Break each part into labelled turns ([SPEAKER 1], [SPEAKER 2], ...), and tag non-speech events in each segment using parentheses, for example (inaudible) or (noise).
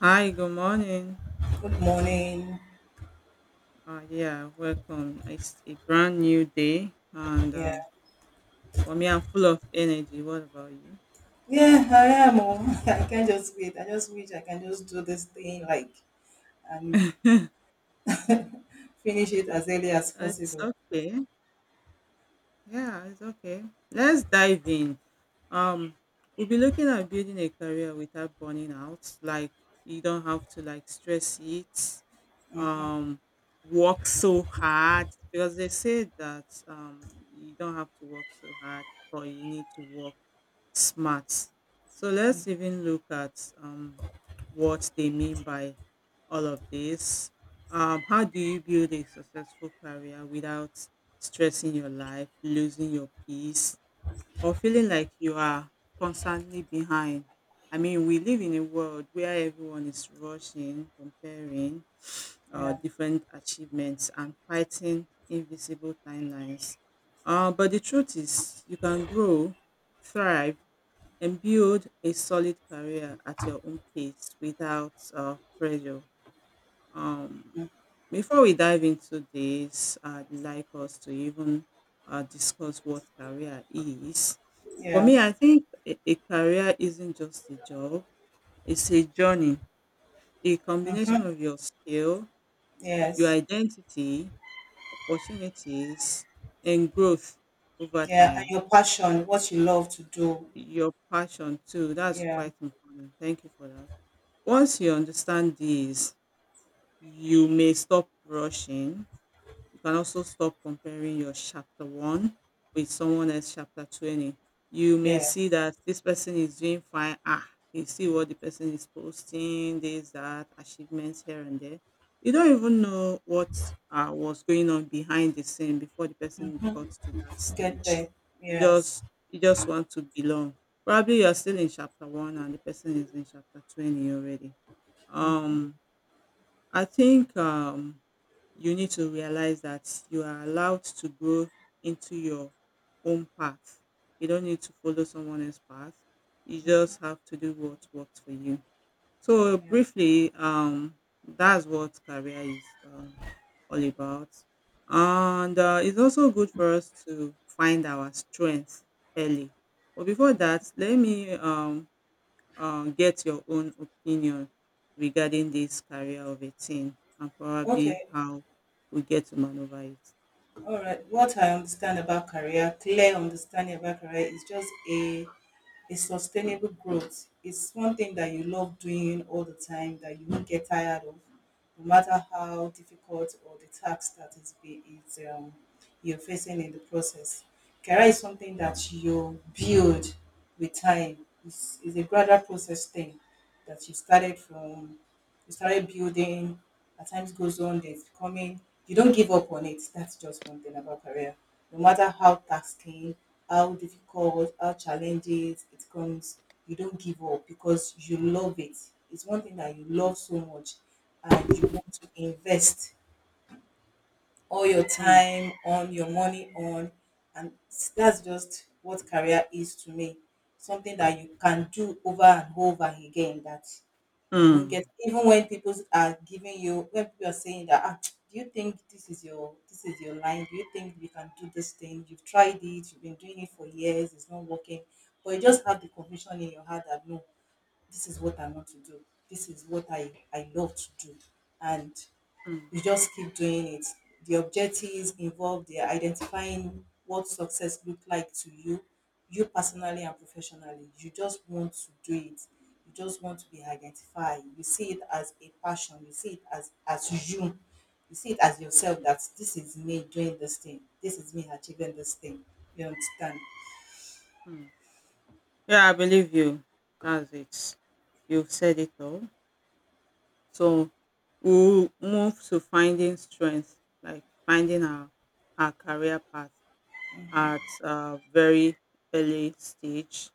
[SPEAKER 1] Hi, good morning.
[SPEAKER 2] Good morning.
[SPEAKER 1] Yeah, welcome. It's a brand new day, and
[SPEAKER 2] Yeah.
[SPEAKER 1] for me, I'm full of energy. What about you?
[SPEAKER 2] Yeah, I am. Oh. (laughs) I can't just wait. I just wish I can just do this thing, like (laughs) finish it as early as
[SPEAKER 1] It's
[SPEAKER 2] possible.
[SPEAKER 1] okay. Yeah, it's okay. Let's dive in. Um, we'll be looking at building a career without burning out. Like you don't have to like stress it, um, work so hard because they say that you don't have to work so hard, but you need to work smart. So let's even look at what they mean by all of this. How do you build a successful career without stressing your life, losing your peace, or feeling like you are constantly behind? I mean, we live in a world where everyone is rushing, comparing
[SPEAKER 2] Yeah.
[SPEAKER 1] different achievements, and fighting invisible timelines. But the truth is, you can grow, thrive, and build a solid career at your own pace without pressure. Um, Before we dive into this, I'd like us to even discuss what career is. For
[SPEAKER 2] Yeah.
[SPEAKER 1] me, I think a career isn't just a job, it's a journey, a combination of your skill, your
[SPEAKER 2] Yes.
[SPEAKER 1] identity, opportunities, and growth over
[SPEAKER 2] Yeah. And
[SPEAKER 1] time.
[SPEAKER 2] your passion, what you love to do.
[SPEAKER 1] Your passion, too. That's
[SPEAKER 2] Yeah.
[SPEAKER 1] quite important. Thank you for that. Once you understand this, you may stop rushing. You can also stop comparing your chapter one with someone else chapter 20. You may see
[SPEAKER 2] Yes.
[SPEAKER 1] that this person is doing fine. Ah, you see what the person is posting, this, that, achievements here and there. You don't even know what was going on behind the scene before the person got to that
[SPEAKER 2] Get
[SPEAKER 1] stage.
[SPEAKER 2] there.
[SPEAKER 1] You
[SPEAKER 2] Yes.
[SPEAKER 1] just you just want to belong. Probably you're still in chapter one and the person is in chapter 20 already. Um, I think You need to realize that you are allowed to grow into your own path. You don't need to follow someone else's path. You just have to do what works for you. So briefly, that's what career is all about, and it's also good for us to find our strengths early. But before that, let me get your own opinion regarding this career of a teen and probably
[SPEAKER 2] Okay.
[SPEAKER 1] how we get to maneuver it.
[SPEAKER 2] All right. What I understand about career, clear understanding about career is just a is sustainable growth. It's one thing that you love doing all the time that you won't get tired of, no matter how difficult or the task that is be is you're facing in the process. Career is something that you build with time. It's a gradual process thing that you started building, as time goes on, there's becoming, you don't give up on it. That's just one thing about career. No matter how tasking, how difficult, how challenging it comes, you don't give up because you love it. It's one thing that you
[SPEAKER 1] Mm,
[SPEAKER 2] love so much and you want to invest all your
[SPEAKER 1] mm,
[SPEAKER 2] time on, your money on. And that's just what career is to me. Something that you can do over and over again that you won't
[SPEAKER 1] mm,
[SPEAKER 2] get even when people are giving you when people are saying that ah, do you think this is your line? Do you think you can do this thing? You've tried it, you've been doing it for years, it's not working. But you just have the conviction in your heart that no, this is what I want to do. This is what I love to do. And
[SPEAKER 1] mm,
[SPEAKER 2] you just keep doing it. The objectives involved, they're identifying what success look like to you, you personally and professionally. You just want to do it. You just want to be identified. You see it as a passion. You see it as you. You see it as yourself
[SPEAKER 1] mm,
[SPEAKER 2] that this is me doing this thing. This is me achieving this thing. You understand?
[SPEAKER 1] mm. Yeah, I believe you. That's it. You've said it all. So we'll move to finding strength, like finding our career path at a very early stage.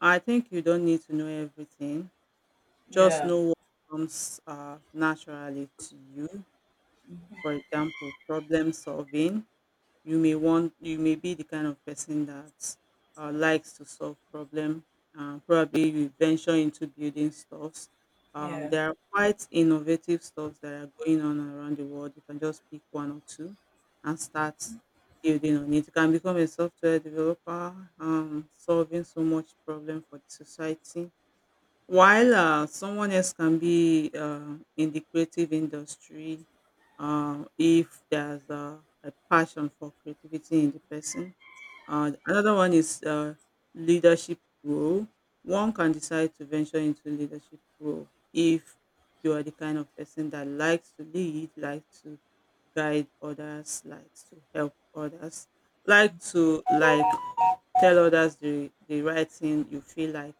[SPEAKER 1] I think you don't need to know everything. Just
[SPEAKER 2] Yeah.
[SPEAKER 1] know what comes naturally to you. For example, problem solving. You may be the kind of person that likes to solve problem. Probably you venture into building stuffs.
[SPEAKER 2] Yeah.
[SPEAKER 1] There are quite innovative stuffs that are going on around the world. You can just pick one or two and start building on it. You can become a software developer, solving so much problem for the society, while someone else can be in the creative industry, if there's a passion for creativity in the person. Another one is leadership role. One can decide to venture into leadership role if you are the kind of person that likes to lead, likes to guide others, likes to help others, like to like tell others the right thing you feel like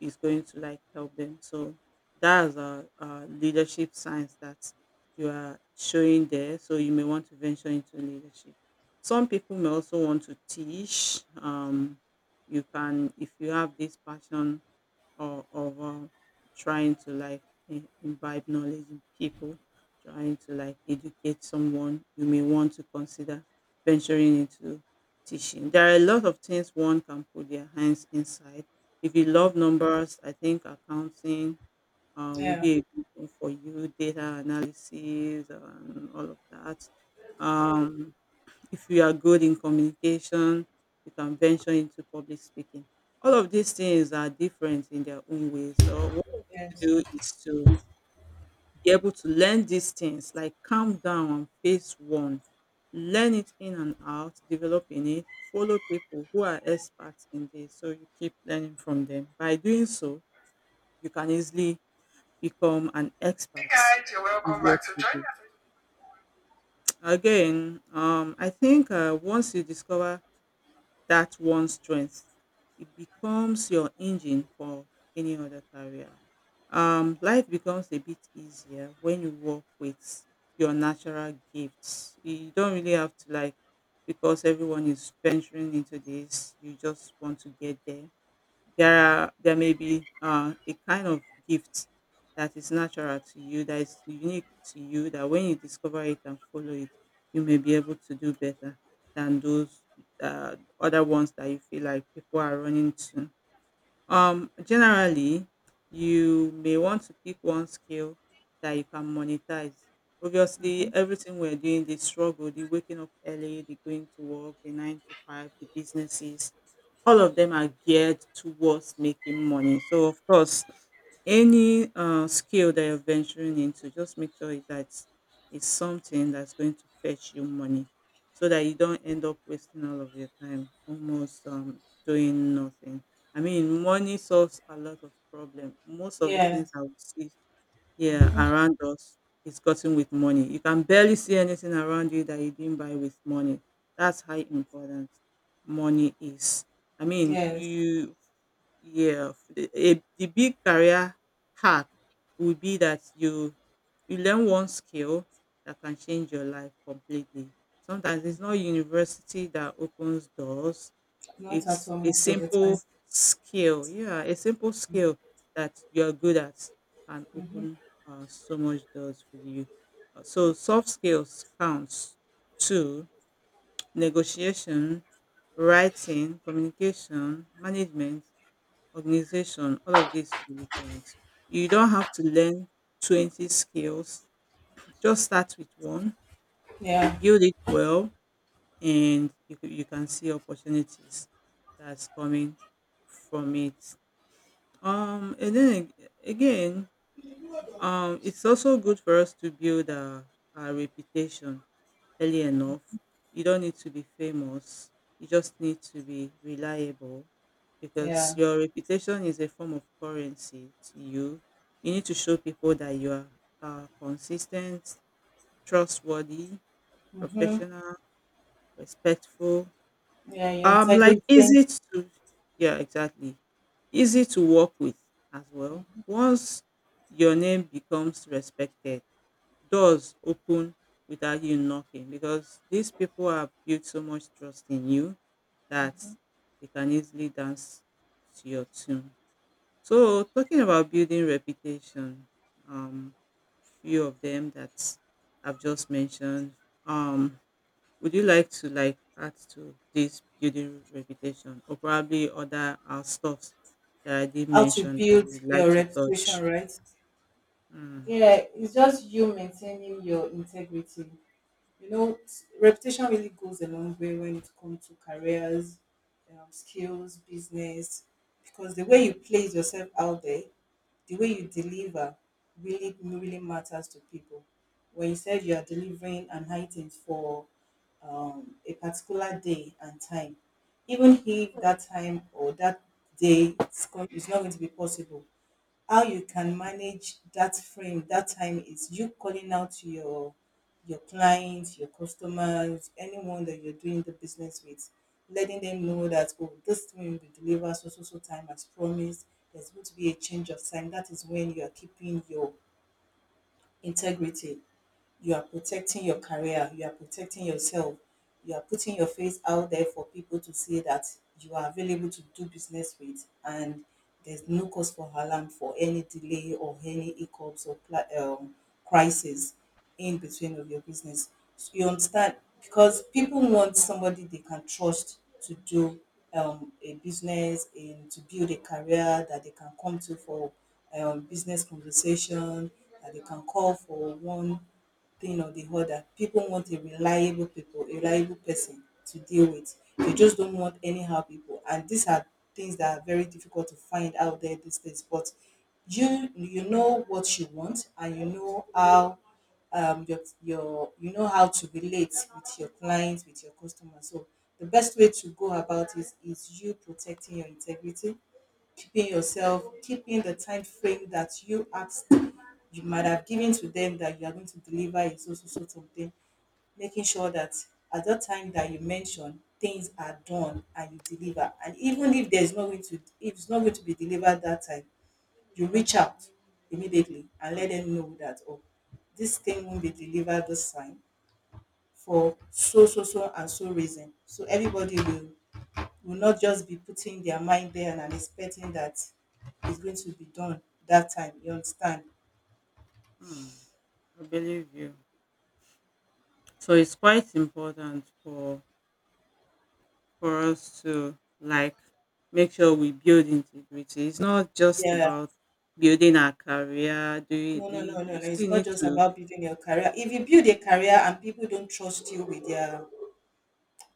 [SPEAKER 1] is going to like help them. So that's a leadership signs that you are showing there. So you may want to venture into leadership. Some people may also want to teach. You can, if you have this passion or of trying to like imbibe knowledge in people, trying to like educate someone, you may want to consider venturing into teaching. There are a lot of things one can put their hands inside. If you love numbers, I think accounting will
[SPEAKER 2] Yeah.
[SPEAKER 1] be a good one for you, data analysis and all of that. Um, if you are good in communication, you can venture into public speaking. All of these things are different in their own way. So what you need to
[SPEAKER 2] Yes.
[SPEAKER 1] do is to be able to learn these things, like calm down and face one. Learn it in and out, develop in it, follow people who are experts in this. So you keep learning from them. By doing so, you can easily become an
[SPEAKER 2] Hey
[SPEAKER 1] expert
[SPEAKER 2] guys, you're
[SPEAKER 1] in
[SPEAKER 2] welcome
[SPEAKER 1] what
[SPEAKER 2] back. So
[SPEAKER 1] you
[SPEAKER 2] join
[SPEAKER 1] do.
[SPEAKER 2] us.
[SPEAKER 1] Again, I think once you discover that one strength, it becomes your engine for any other career. Life becomes a bit easier when you work with your natural gifts. You don't really have to like, because everyone is venturing into this, you just want to get there. There are There may be a kind of gift that is natural to you, that is unique to you, that when you discover it and follow it, you may be able to do better than those other ones that you feel like people are running to. Generally, you may want to pick one skill that you can monetize. Obviously, everything we're doing, the struggle, the waking up early, the going to work, the nine to five, the businesses, all of them are geared towards making money. So of course, any skill that you're venturing into, just make sure that it's something that's going to fetch you money, so that you don't end up wasting all of your time, almost doing nothing. I mean, money solves a lot of problem. Most of the
[SPEAKER 2] Yeah.
[SPEAKER 1] things I would see, yeah, around us is gotten with money. You can barely see anything around you that you didn't buy with money. That's how important money is. I mean,
[SPEAKER 2] Yes.
[SPEAKER 1] yeah, the big career hack would be that you learn one skill that can change your life completely. Sometimes it's not university that opens doors.
[SPEAKER 2] Not at
[SPEAKER 1] It's
[SPEAKER 2] all,
[SPEAKER 1] a
[SPEAKER 2] most of the time.
[SPEAKER 1] simple skill. Yeah, a simple skill that you're good at can
[SPEAKER 2] Mhm.
[SPEAKER 1] open so much doors for you. So soft skills counts, to negotiation, writing, communication, management, organization, all of this really counts. You don't have to learn 20 skills. Just start with one,
[SPEAKER 2] Yeah,
[SPEAKER 1] build it well, and you can see opportunities that's coming from it. And then again, it's also good for us to build our reputation early enough. You don't need to be famous. You just need to be reliable, because
[SPEAKER 2] yeah,
[SPEAKER 1] your reputation is a form of currency to you. You need to show people that you are consistent, trustworthy, professional, respectful.
[SPEAKER 2] yeah. Your
[SPEAKER 1] Like
[SPEAKER 2] integrity,
[SPEAKER 1] easy to Yeah, exactly. Easy to work with as well. Once your name becomes respected, doors open without you knocking, because these people have built so much trust in you that they can easily dance to your tune. So talking about building reputation, um, few of them that I've just mentioned. Um, would you like to like add to this building reputation or probably other our stuffs that I did
[SPEAKER 2] how to
[SPEAKER 1] mention that
[SPEAKER 2] build
[SPEAKER 1] you'd like
[SPEAKER 2] your
[SPEAKER 1] to touch?
[SPEAKER 2] reputation, right?
[SPEAKER 1] Mm,
[SPEAKER 2] Yeah, it's just you maintaining your integrity. You know, reputation really goes a long way when it comes to careers, skills, business, because the way you place yourself out there, the way you deliver really really matters to people. When you said you are delivering an item for a particular day and time, even if that time or that day is not going to be possible, how you can manage that frame, that time is you calling out your clients, your customers, anyone that you're doing the business with, letting them know that oh, this thing will be delivered so so so time as promised. There's going to be a change of time. That is when you are keeping your integrity, you are protecting your career, you are protecting yourself, you are putting your face out there for people to see that you are available to do business with, and there's no cause for alarm for any delay or any hiccups or crisis in between of your business. So you understand, because people want somebody they can trust to do a business and to build a career that they can come to for business conversation, that they can call for one thing or the other. People want a reliable people, a reliable person to deal with. They just don't want anyhow people. And these are things that are very difficult to find out there these days. But you know what you want, and you know how you know how to relate with your clients, with your customers. So the best way to go about it is you protecting your integrity, keeping yourself, keeping the time frame that you might have given to them that you are going to deliver is also so so, so something, making sure that at that time that you mention things are done and you deliver. And even if there's not going to if it's not going to be delivered that time, you reach out immediately and let
[SPEAKER 1] mm,
[SPEAKER 2] them know that oh, this thing won't be delivered this time for so so so and so reason. So everybody will not just be putting their mind there and, expecting that it's going to be done that time. You understand?
[SPEAKER 1] mm. I believe you. So it's quite important for us to like make sure we build integrity. It's not just
[SPEAKER 2] Yeah.
[SPEAKER 1] about building our career. Do you,
[SPEAKER 2] No, no,
[SPEAKER 1] you
[SPEAKER 2] no, no,
[SPEAKER 1] You
[SPEAKER 2] no. It's
[SPEAKER 1] still
[SPEAKER 2] not
[SPEAKER 1] need
[SPEAKER 2] just
[SPEAKER 1] to
[SPEAKER 2] about building your career. If you build a career and people don't trust you with their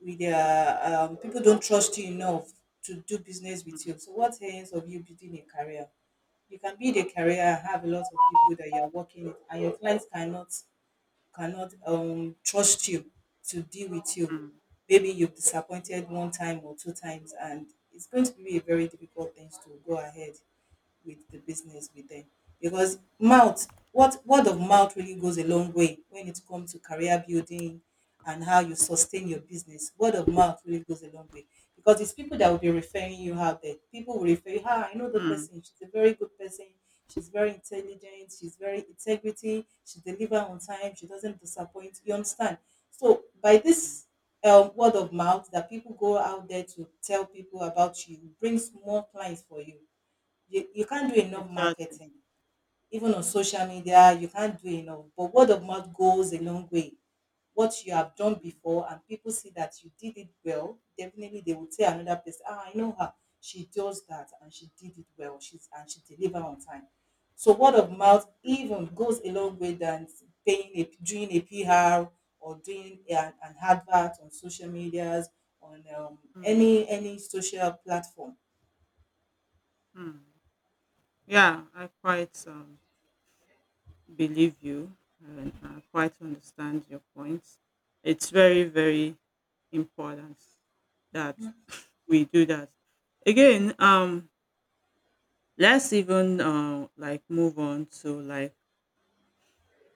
[SPEAKER 2] people don't trust you enough to do business with
[SPEAKER 1] mm,
[SPEAKER 2] you. So what ends of you building a career? You can build a career and have a lot of people that you're working with and your clients cannot trust you to deal with you.
[SPEAKER 1] mm,
[SPEAKER 2] Maybe you've disappointed one time or two times, and it's going to be a very difficult thing to go ahead with the business with them, because mouth what word of mouth really goes a long way when it comes to career building and how you sustain your business. Word of mouth really goes a long way because it's people that will be referring you out there. People will refer you, ah, I know the
[SPEAKER 1] mm,
[SPEAKER 2] person, she's a very good person, she's very intelligent, she's very integrity, she deliver on time, she doesn't disappoint. You understand? So by
[SPEAKER 1] mm.
[SPEAKER 2] this word of mouth that people go out there to tell people about you brings more clients for you. You can't do enough
[SPEAKER 1] Exactly.
[SPEAKER 2] marketing. Even on social media, you can't do enough. But word of mouth goes a long way. What you have done before and people see that you did it well, definitely they will tell another person, ah, I know her. She does that and she did it well. She's, and she deliver on time. So word of mouth
[SPEAKER 1] Mm,
[SPEAKER 2] even goes a long way than paying a doing a PR, or doing an advert on social medias, on
[SPEAKER 1] mm,
[SPEAKER 2] any social platform.
[SPEAKER 1] mm. Yeah, I quite believe you and I quite understand your points. It's very, very important that we do that. Again, let's even like move on to like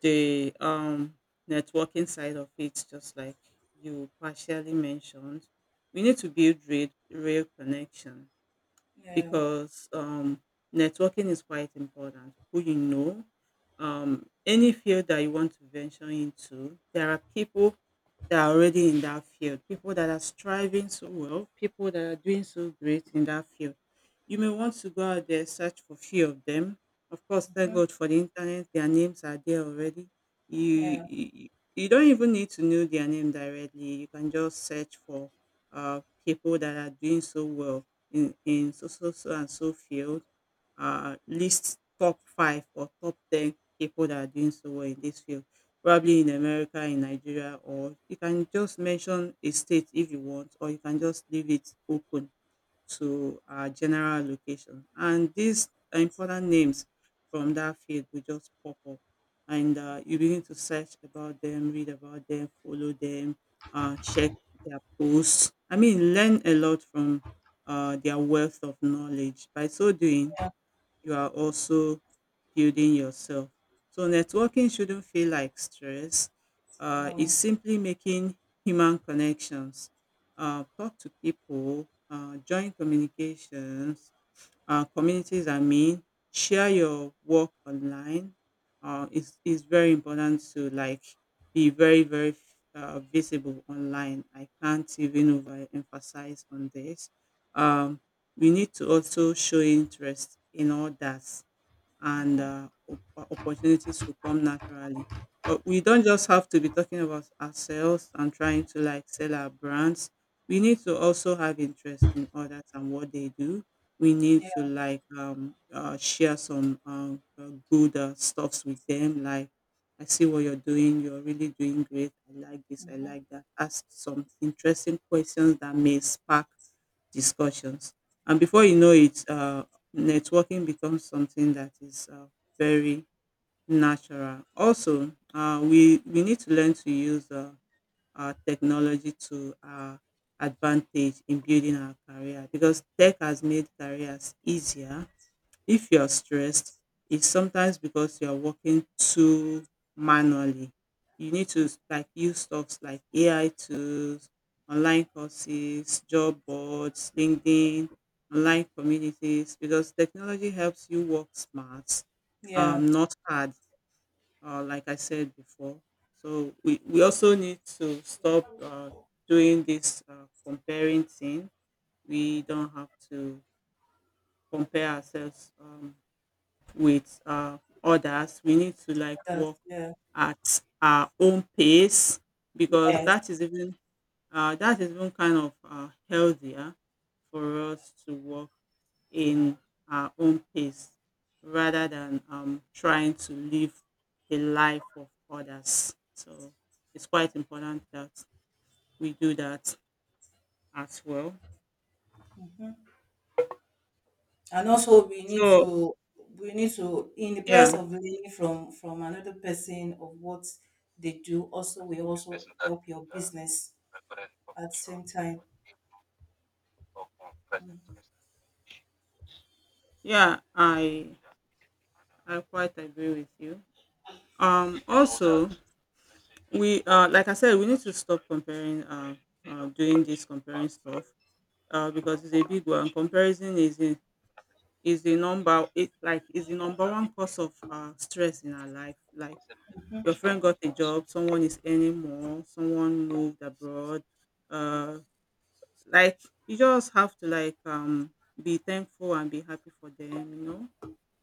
[SPEAKER 1] the networking side of it, just like you partially mentioned. We need to build real, real connection
[SPEAKER 2] Yeah.
[SPEAKER 1] because networking is quite important. Who you know, any field that you want to venture into, there are people that are already in that field, people that are striving so well, people that are doing so great in that field. You may want to go out there, search for few of them. Of course, thank
[SPEAKER 2] Mhm.
[SPEAKER 1] God for the internet, their names are there already. You,
[SPEAKER 2] Yeah.
[SPEAKER 1] you, you don't even need to know their name directly. You can just search for people that are doing so well in so, so, so and so field. List top five or top 10 people that are doing so well in this field, probably in America, in Nigeria, or you can just mention a state if you want, or you can just leave it open to our general location. And these important names from that field will just pop up. And you begin to search about them, read about them, follow them, check their posts. I mean, learn a lot from their wealth of knowledge. By so doing,
[SPEAKER 2] Yeah.
[SPEAKER 1] you are also building yourself. So networking shouldn't feel like stress. It's
[SPEAKER 2] No.
[SPEAKER 1] simply making human connections. Talk to people, join communications, communities, I mean, share your work online. It's very important to like be very, very visible online. I can't even overemphasize on this. Um, we need to also show interest in all that and
[SPEAKER 2] Mhm.
[SPEAKER 1] uh, op- uh, opportunities will come naturally. But we don't just have to be talking about ourselves and trying to like sell our brands. We need to also have interest in others and what they do. We need
[SPEAKER 2] Yeah.
[SPEAKER 1] to like share some good stuffs with them. Like, I see what you're doing. You're really doing great. I like this. I
[SPEAKER 2] Mhm.
[SPEAKER 1] like that. Ask some interesting questions that may spark discussions. And before you know it, networking becomes something that is very natural. Also, we need to learn to use our technology to our advantage in building our career because tech has made careers easier if you're stressed, it's sometimes because you're working too manually. You need to like use stuffs like AI tools, online courses, job boards, LinkedIn, online communities, because technology helps you work smart,
[SPEAKER 2] Yeah.
[SPEAKER 1] not hard, like I said before. So we also need to stop doing this comparing thing. We don't have to compare ourselves with others. We need to like
[SPEAKER 2] That's,
[SPEAKER 1] work
[SPEAKER 2] yeah.
[SPEAKER 1] at our own pace because
[SPEAKER 2] Yes.
[SPEAKER 1] that is even kind of healthier for us to work in our own pace rather than trying to live a life of others. So it's quite important that we do that as well.
[SPEAKER 2] And also
[SPEAKER 1] So
[SPEAKER 2] we need to in the
[SPEAKER 1] yeah,
[SPEAKER 2] press of learning from another person of what they do, also we also help your business at the same time.
[SPEAKER 1] yeah, I quite agree with you. Also, we like I said, we need to stop comparing, doing this comparing stuff because it's a big one. Comparison is a— is the number— it like is the number one cause of stress in our life. Like, your friend got a job, someone is earning more, someone moved abroad. uh like, you just have to like be thankful and be happy for them,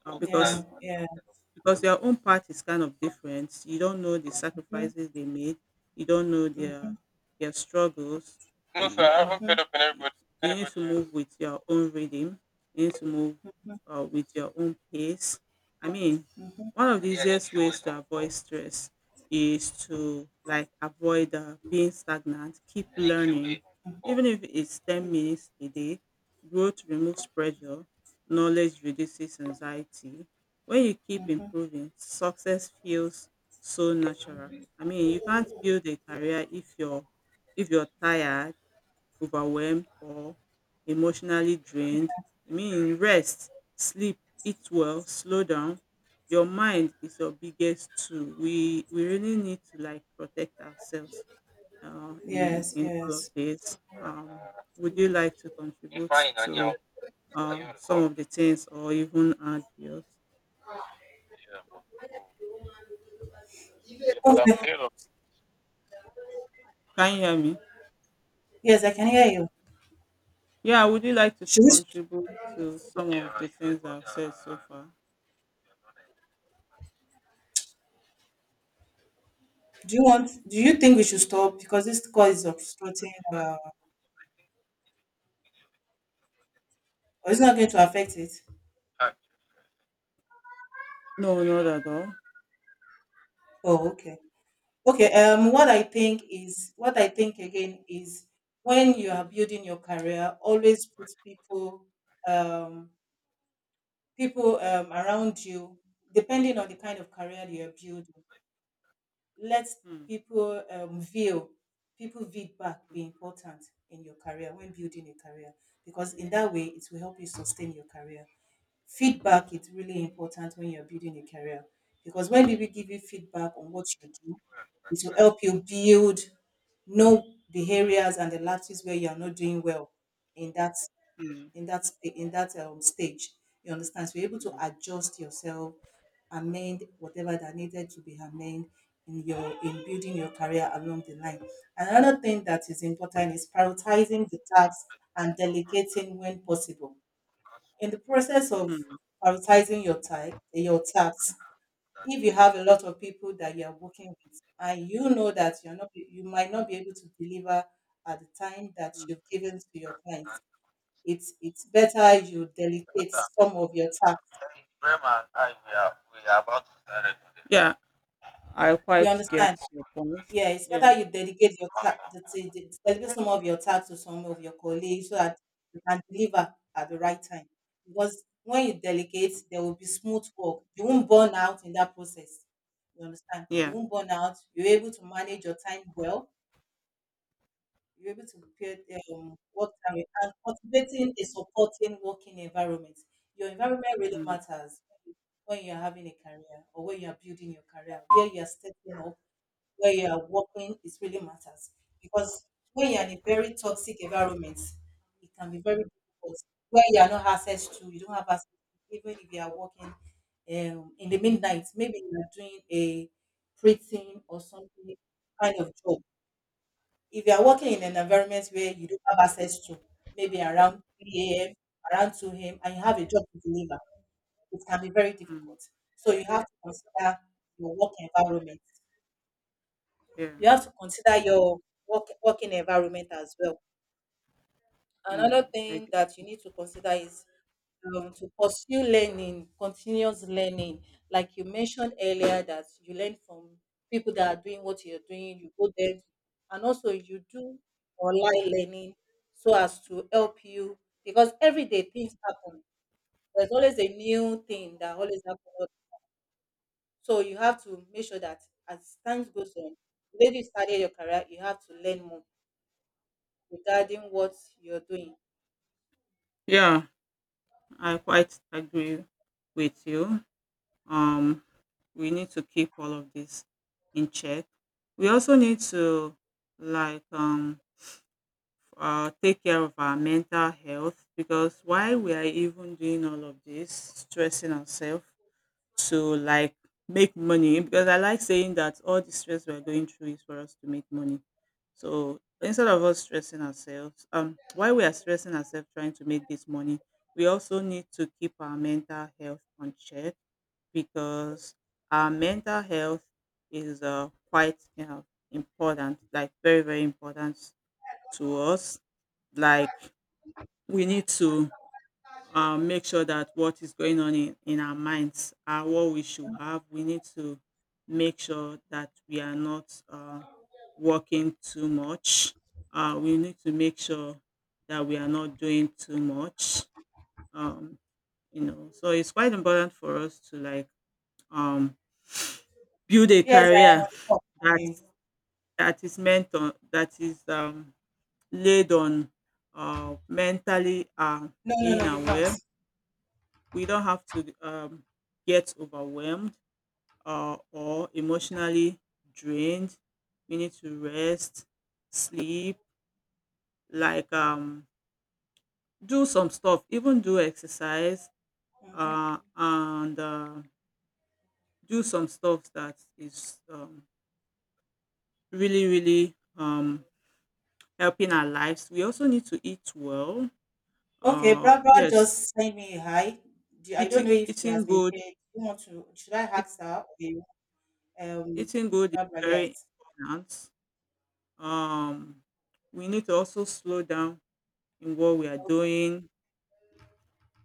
[SPEAKER 1] uh,
[SPEAKER 2] Yeah,
[SPEAKER 1] because
[SPEAKER 2] yeah,
[SPEAKER 1] because your own path is kind of different. You don't know the sacrifices they made. You don't know their struggles. You, you you need to move with your own rhythm. You need to move with your own pace. I mean, one of the easiest ways to avoid stress is to like avoid being stagnant. Keep learning, even if it's 10 minutes a day. Growth removes pressure. Knowledge reduces anxiety when you keep improving, success feels so natural. I mean, you can't build a career if you're tired, overwhelmed, or emotionally drained. I mean, rest, sleep, eat well, slow down. Your mind is your biggest tool. We really need to like protect ourselves
[SPEAKER 2] yes,
[SPEAKER 1] in all of
[SPEAKER 2] yes.
[SPEAKER 1] this. Would you like to contribute to some of the things or even add yours?
[SPEAKER 2] Okay.
[SPEAKER 1] Can you hear me?
[SPEAKER 2] Yes, I can hear you.
[SPEAKER 1] Yeah, would you like to
[SPEAKER 2] Should we st-
[SPEAKER 1] contribute to some of the things I've said so far?
[SPEAKER 2] do you want do you think we should stop because this call is obstructing or it's not going to affect it?
[SPEAKER 1] No, not at all.
[SPEAKER 2] Oh, okay. Okay, what I think is, what I think again is, when you are building your career, always put people, um, people around you, depending on the kind of career you are building, let
[SPEAKER 1] Hmm,
[SPEAKER 2] people view, people feedback be
[SPEAKER 1] hmm,
[SPEAKER 2] important in your career when building a career, because in that way it will help you sustain your career. Feedback is really important when you're building a career, because when people give you feedback on what you do, it will help you build, know the areas and the lapses where you are not doing well in that
[SPEAKER 1] hmm,
[SPEAKER 2] in that stage. You understand? So you're able to adjust yourself, amend whatever that needed to be amended in your in building your career along the line. Another thing that is important is prioritizing the tasks and delegating when possible. In the process of
[SPEAKER 1] hmm, hmm,
[SPEAKER 2] prioritizing your time, your tasks, if you have a lot of people that you are working with and you know that you might not be able to deliver at the time that
[SPEAKER 1] hmm.
[SPEAKER 2] you've given to your clients, it's better you delegate some of your tasks.
[SPEAKER 1] Yeah, I
[SPEAKER 2] You
[SPEAKER 1] quite
[SPEAKER 2] understand?
[SPEAKER 1] get your point.
[SPEAKER 2] Yeah, it's better
[SPEAKER 1] Yeah,
[SPEAKER 2] you dedicate your dedicate some of your time to some of your colleagues, so that you can deliver at the right time. Because when you delegate, there will be smooth work. You won't burn out in that process. You understand? You
[SPEAKER 1] yeah,
[SPEAKER 2] won't burn out. You're able to manage your time well. You're able to prepare work time and cultivating a supporting working environment. Your environment really
[SPEAKER 1] mm,
[SPEAKER 2] matters when you're having a career, or when you're building your career, where you're stepping up, where you are working, it really matters. Because when you are in a very toxic environment, it can be very difficult. Where you are not access to, you don't have access to, even if you are working in the midnight, maybe you are doing a printing or something kind of job. If you are working in an environment where you don't have access to, maybe around 3 a.m., around 2 a.m., and you have a job to deliver, it can be very
[SPEAKER 1] mm,
[SPEAKER 2] difficult. So you have to consider your work environment,
[SPEAKER 1] yeah,
[SPEAKER 2] you have to consider your working environment as well. Another
[SPEAKER 1] mm, I
[SPEAKER 2] thing
[SPEAKER 1] get,
[SPEAKER 2] that you need to consider is to pursue learning, continuous learning. Like you mentioned
[SPEAKER 1] mm.
[SPEAKER 2] earlier, that you learn from people that are doing what you're doing, you go there, and also you do online learning so as to help you because every day things happen. There's always a new thing that always happens. So you have to make sure that as time goes on, the way you started your career, you have to learn more regarding what you're doing?
[SPEAKER 1] Yeah. I quite agree with you. Um, we need to keep all of this in check. We also need to like take care of our mental health because why we are even doing all of this, stressing ourselves to like make money. Because I like saying that all the stress we're going through is for us to make money. So instead of us stressing ourselves, while we are stressing ourselves trying to make this money, we also need to keep our mental health on check because our mental health is quite, you know, important, like very, very important to us, like we need to make sure that what is going on in our minds are what we should have. We need to make sure that we are not working too much. We need to make sure that we are not doing too much. Um, you know, so it's quite important for us to like um, build a
[SPEAKER 2] Yes, I am on
[SPEAKER 1] career
[SPEAKER 2] the call.
[SPEAKER 1] that
[SPEAKER 2] Morning.
[SPEAKER 1] that is meant on that is laid on mentally
[SPEAKER 2] No, no,
[SPEAKER 1] being
[SPEAKER 2] no, you've not.
[SPEAKER 1] aware. We don't have to get overwhelmed or emotionally drained. We need to rest, sleep, like do some stuff, even do exercise,
[SPEAKER 2] Hmm.
[SPEAKER 1] and do some stuff that is really, really helping our lives. We also need to eat well.
[SPEAKER 2] Okay, Barbara
[SPEAKER 1] Yes,
[SPEAKER 2] just sent me a hi. I don't know
[SPEAKER 1] eating
[SPEAKER 2] if she has
[SPEAKER 1] eating
[SPEAKER 2] been
[SPEAKER 1] good,
[SPEAKER 2] paid. You want to? Should I
[SPEAKER 1] eat,
[SPEAKER 2] ask her? Okay, Um,
[SPEAKER 1] eating good is
[SPEAKER 2] Barbara, yes.
[SPEAKER 1] very important. um, we need to also slow down in what we are
[SPEAKER 2] Okay,
[SPEAKER 1] doing.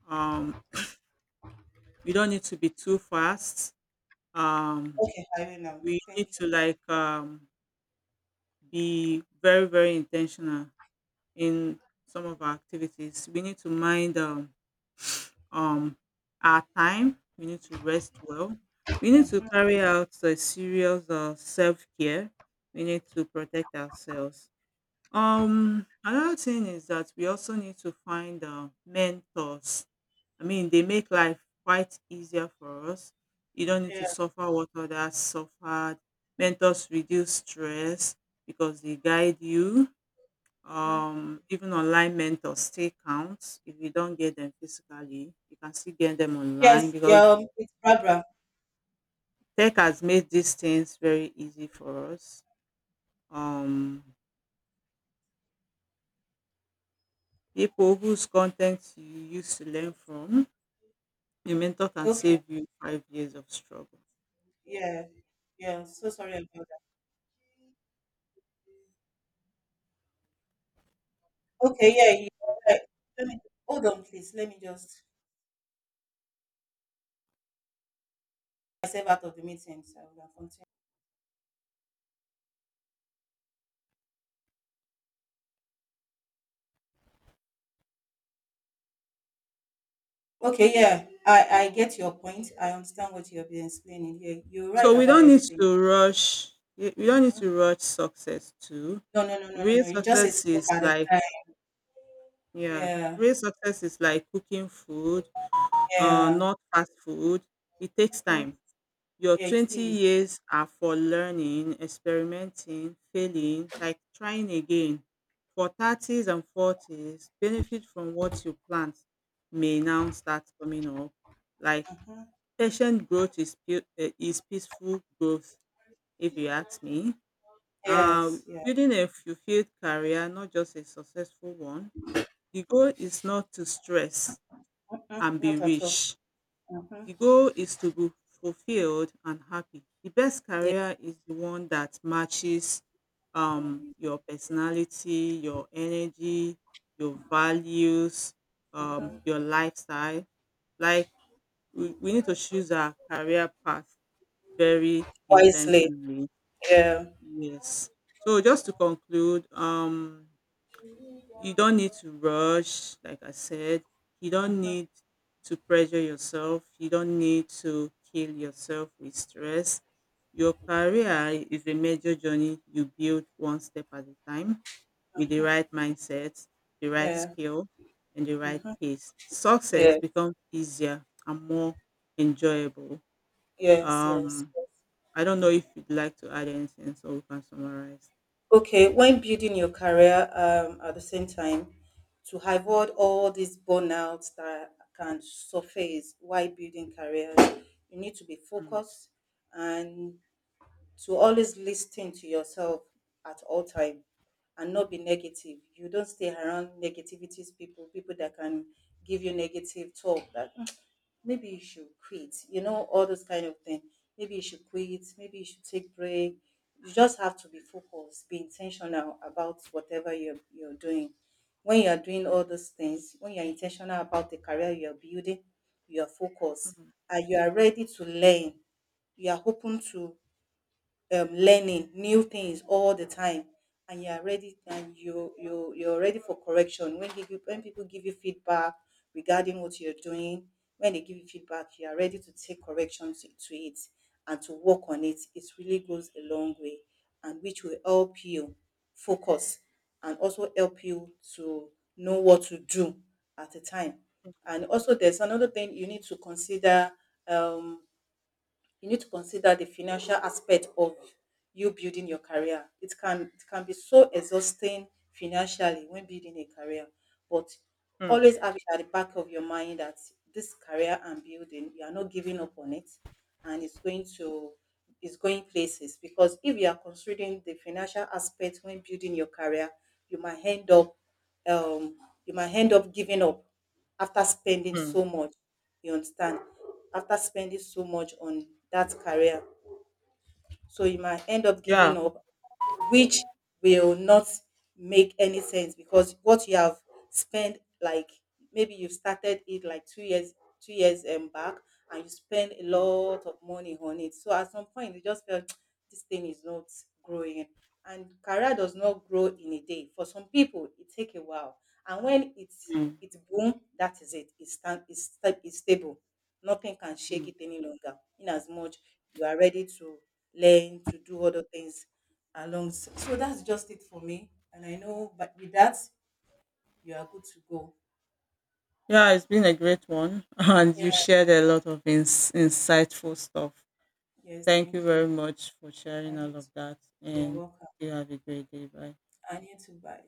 [SPEAKER 1] Um, we don't need to be too fast. Um,
[SPEAKER 2] okay, I will now.
[SPEAKER 1] we
[SPEAKER 2] Thank
[SPEAKER 1] need
[SPEAKER 2] you.
[SPEAKER 1] to like be very, very intentional in some of our activities. We need to mind um, our time. We need to rest well. We need to
[SPEAKER 2] Hmm.
[SPEAKER 1] carry out a serious self care. We need to protect ourselves. Another thing is that we also need to find mentors. I mean, they make life quite easier for us. You don't need to
[SPEAKER 2] Yeah.
[SPEAKER 1] suffer what others suffered. Mentors reduce stress because they guide you.
[SPEAKER 2] Hmm.
[SPEAKER 1] Even online mentors still count. If you don't get them physically, you can still get them
[SPEAKER 2] Yes.
[SPEAKER 1] online
[SPEAKER 2] Yeah.
[SPEAKER 1] because
[SPEAKER 2] It's Barbara.
[SPEAKER 1] tech has made these things very easy for us. Um, People whose content you used to learn from. A mentor can
[SPEAKER 2] Okay.
[SPEAKER 1] save you 5 years of struggle.
[SPEAKER 2] Yeah. Yeah. So sorry about that. Okay. Yeah. You, all right. Let me, hold on, please. Let me just myself out of the meeting so we can continue. Okay, yeah, I get your point. I understand what you have been explaining. Yeah, you're right
[SPEAKER 1] So we
[SPEAKER 2] about
[SPEAKER 1] don't need
[SPEAKER 2] everything.
[SPEAKER 1] to rush. We don't need
[SPEAKER 2] Hmm.
[SPEAKER 1] to rush success too.
[SPEAKER 2] No, no, no, no, no,
[SPEAKER 1] Real
[SPEAKER 2] no. You just a
[SPEAKER 1] success
[SPEAKER 2] step
[SPEAKER 1] is
[SPEAKER 2] at a
[SPEAKER 1] like
[SPEAKER 2] time.
[SPEAKER 1] yeah.
[SPEAKER 2] Yeah,
[SPEAKER 1] Real success is like cooking food,
[SPEAKER 2] yeah.
[SPEAKER 1] not fast food. It takes
[SPEAKER 2] Hmm.
[SPEAKER 1] time. Your
[SPEAKER 2] Yeah. It
[SPEAKER 1] twenty
[SPEAKER 2] is.
[SPEAKER 1] years are for learning, experimenting, failing, like trying again. For thirties and forties, benefit from what you plant may now start coming up. Like, patient growth is peaceful growth, if you ask me.
[SPEAKER 2] Yes, yeah.
[SPEAKER 1] Building a fulfilled career, not just a successful one. The goal is not to stress
[SPEAKER 2] Hmm.
[SPEAKER 1] and be
[SPEAKER 2] Not at all.
[SPEAKER 1] rich.
[SPEAKER 2] Hmm.
[SPEAKER 1] The goal is to be fulfilled and happy. The best
[SPEAKER 2] Yeah,
[SPEAKER 1] career is the one that matches your personality, your energy, your values, your lifestyle. Like, we need to choose our career path very
[SPEAKER 2] wisely.
[SPEAKER 1] intentionally.
[SPEAKER 2] Yeah,
[SPEAKER 1] Yes. So just to conclude, you don't need to rush, like I said. You don't need to pressure yourself. You don't need to kill yourself with stress. Your career is a major journey you build one step at a time with the right mindset, the right
[SPEAKER 2] yeah,
[SPEAKER 1] skill, and the right pace. Success
[SPEAKER 2] yes,
[SPEAKER 1] becomes easier and more enjoyable.
[SPEAKER 2] yes, yes.
[SPEAKER 1] Um, I don't know if you'd like to add anything so we can summarize.
[SPEAKER 2] Okay, when building your career at the same time, to avoid all these burnouts that can surface while building careers, you need to be
[SPEAKER 1] Mm,
[SPEAKER 2] focused and to always listen to yourself at all time and not be negative. You don't stay around negativities people that can give you negative talk that "Mm, maybe you should quit, all those kind of thing." Maybe you should quit, maybe you should take break. You just have to be focused, be intentional about whatever you're doing. When you are doing all those things, when you are intentional about the career you are building, you are focused,
[SPEAKER 1] mm,
[SPEAKER 2] and you are ready to learn. You are open to learning new things all the time, and you are ready, and you're ready for correction. When people give you feedback regarding what you're doing, when they give you feedback, you are ready to take corrections to it, and to work on it. It really goes a long way, and which will help you focus and also help you to know what to do at a time.
[SPEAKER 1] mm,
[SPEAKER 2] And also there's another thing you need to consider. um you need to consider the financial aspect of you building your career. It can be so exhausting financially when building a career, but
[SPEAKER 1] mm,
[SPEAKER 2] always have it at the back of your mind that this career I'm building, you are not giving up on it, and it's going places. Because if you are considering the financial aspect when building your career, you might end up, um, you might end up giving up after spending
[SPEAKER 1] mm.
[SPEAKER 2] so much. You understand? After spending so much on that career, so you might end up giving
[SPEAKER 1] Yeah.
[SPEAKER 2] up, which will not make any sense, because what you have spent, like, maybe you started it like 2 years, 2 years back, and you spend a
[SPEAKER 1] Mm,
[SPEAKER 2] lot of money on it. So at some point you just felt (tsk) this thing is not growing. And career does not grow in a day. For some people, it take a while. And when it's
[SPEAKER 1] mm,
[SPEAKER 2] it boom, that is it. It's stable. Nothing can shake
[SPEAKER 1] mm.
[SPEAKER 2] it any longer. In as much you are ready to learn to do other things along. So that's just it for me. And I know, but with that, you are good to go.
[SPEAKER 1] Yeah, it's been a great one. (laughs) And
[SPEAKER 2] Yeah.
[SPEAKER 1] you shared a lot of insightful stuff.
[SPEAKER 2] Yes.
[SPEAKER 1] Thank you
[SPEAKER 2] Thank
[SPEAKER 1] very
[SPEAKER 2] you.
[SPEAKER 1] much for
[SPEAKER 2] I
[SPEAKER 1] sharing
[SPEAKER 2] need.
[SPEAKER 1] all of that.
[SPEAKER 2] You're
[SPEAKER 1] And
[SPEAKER 2] welcome.
[SPEAKER 1] you have a great day. Bye.
[SPEAKER 2] I need to buy.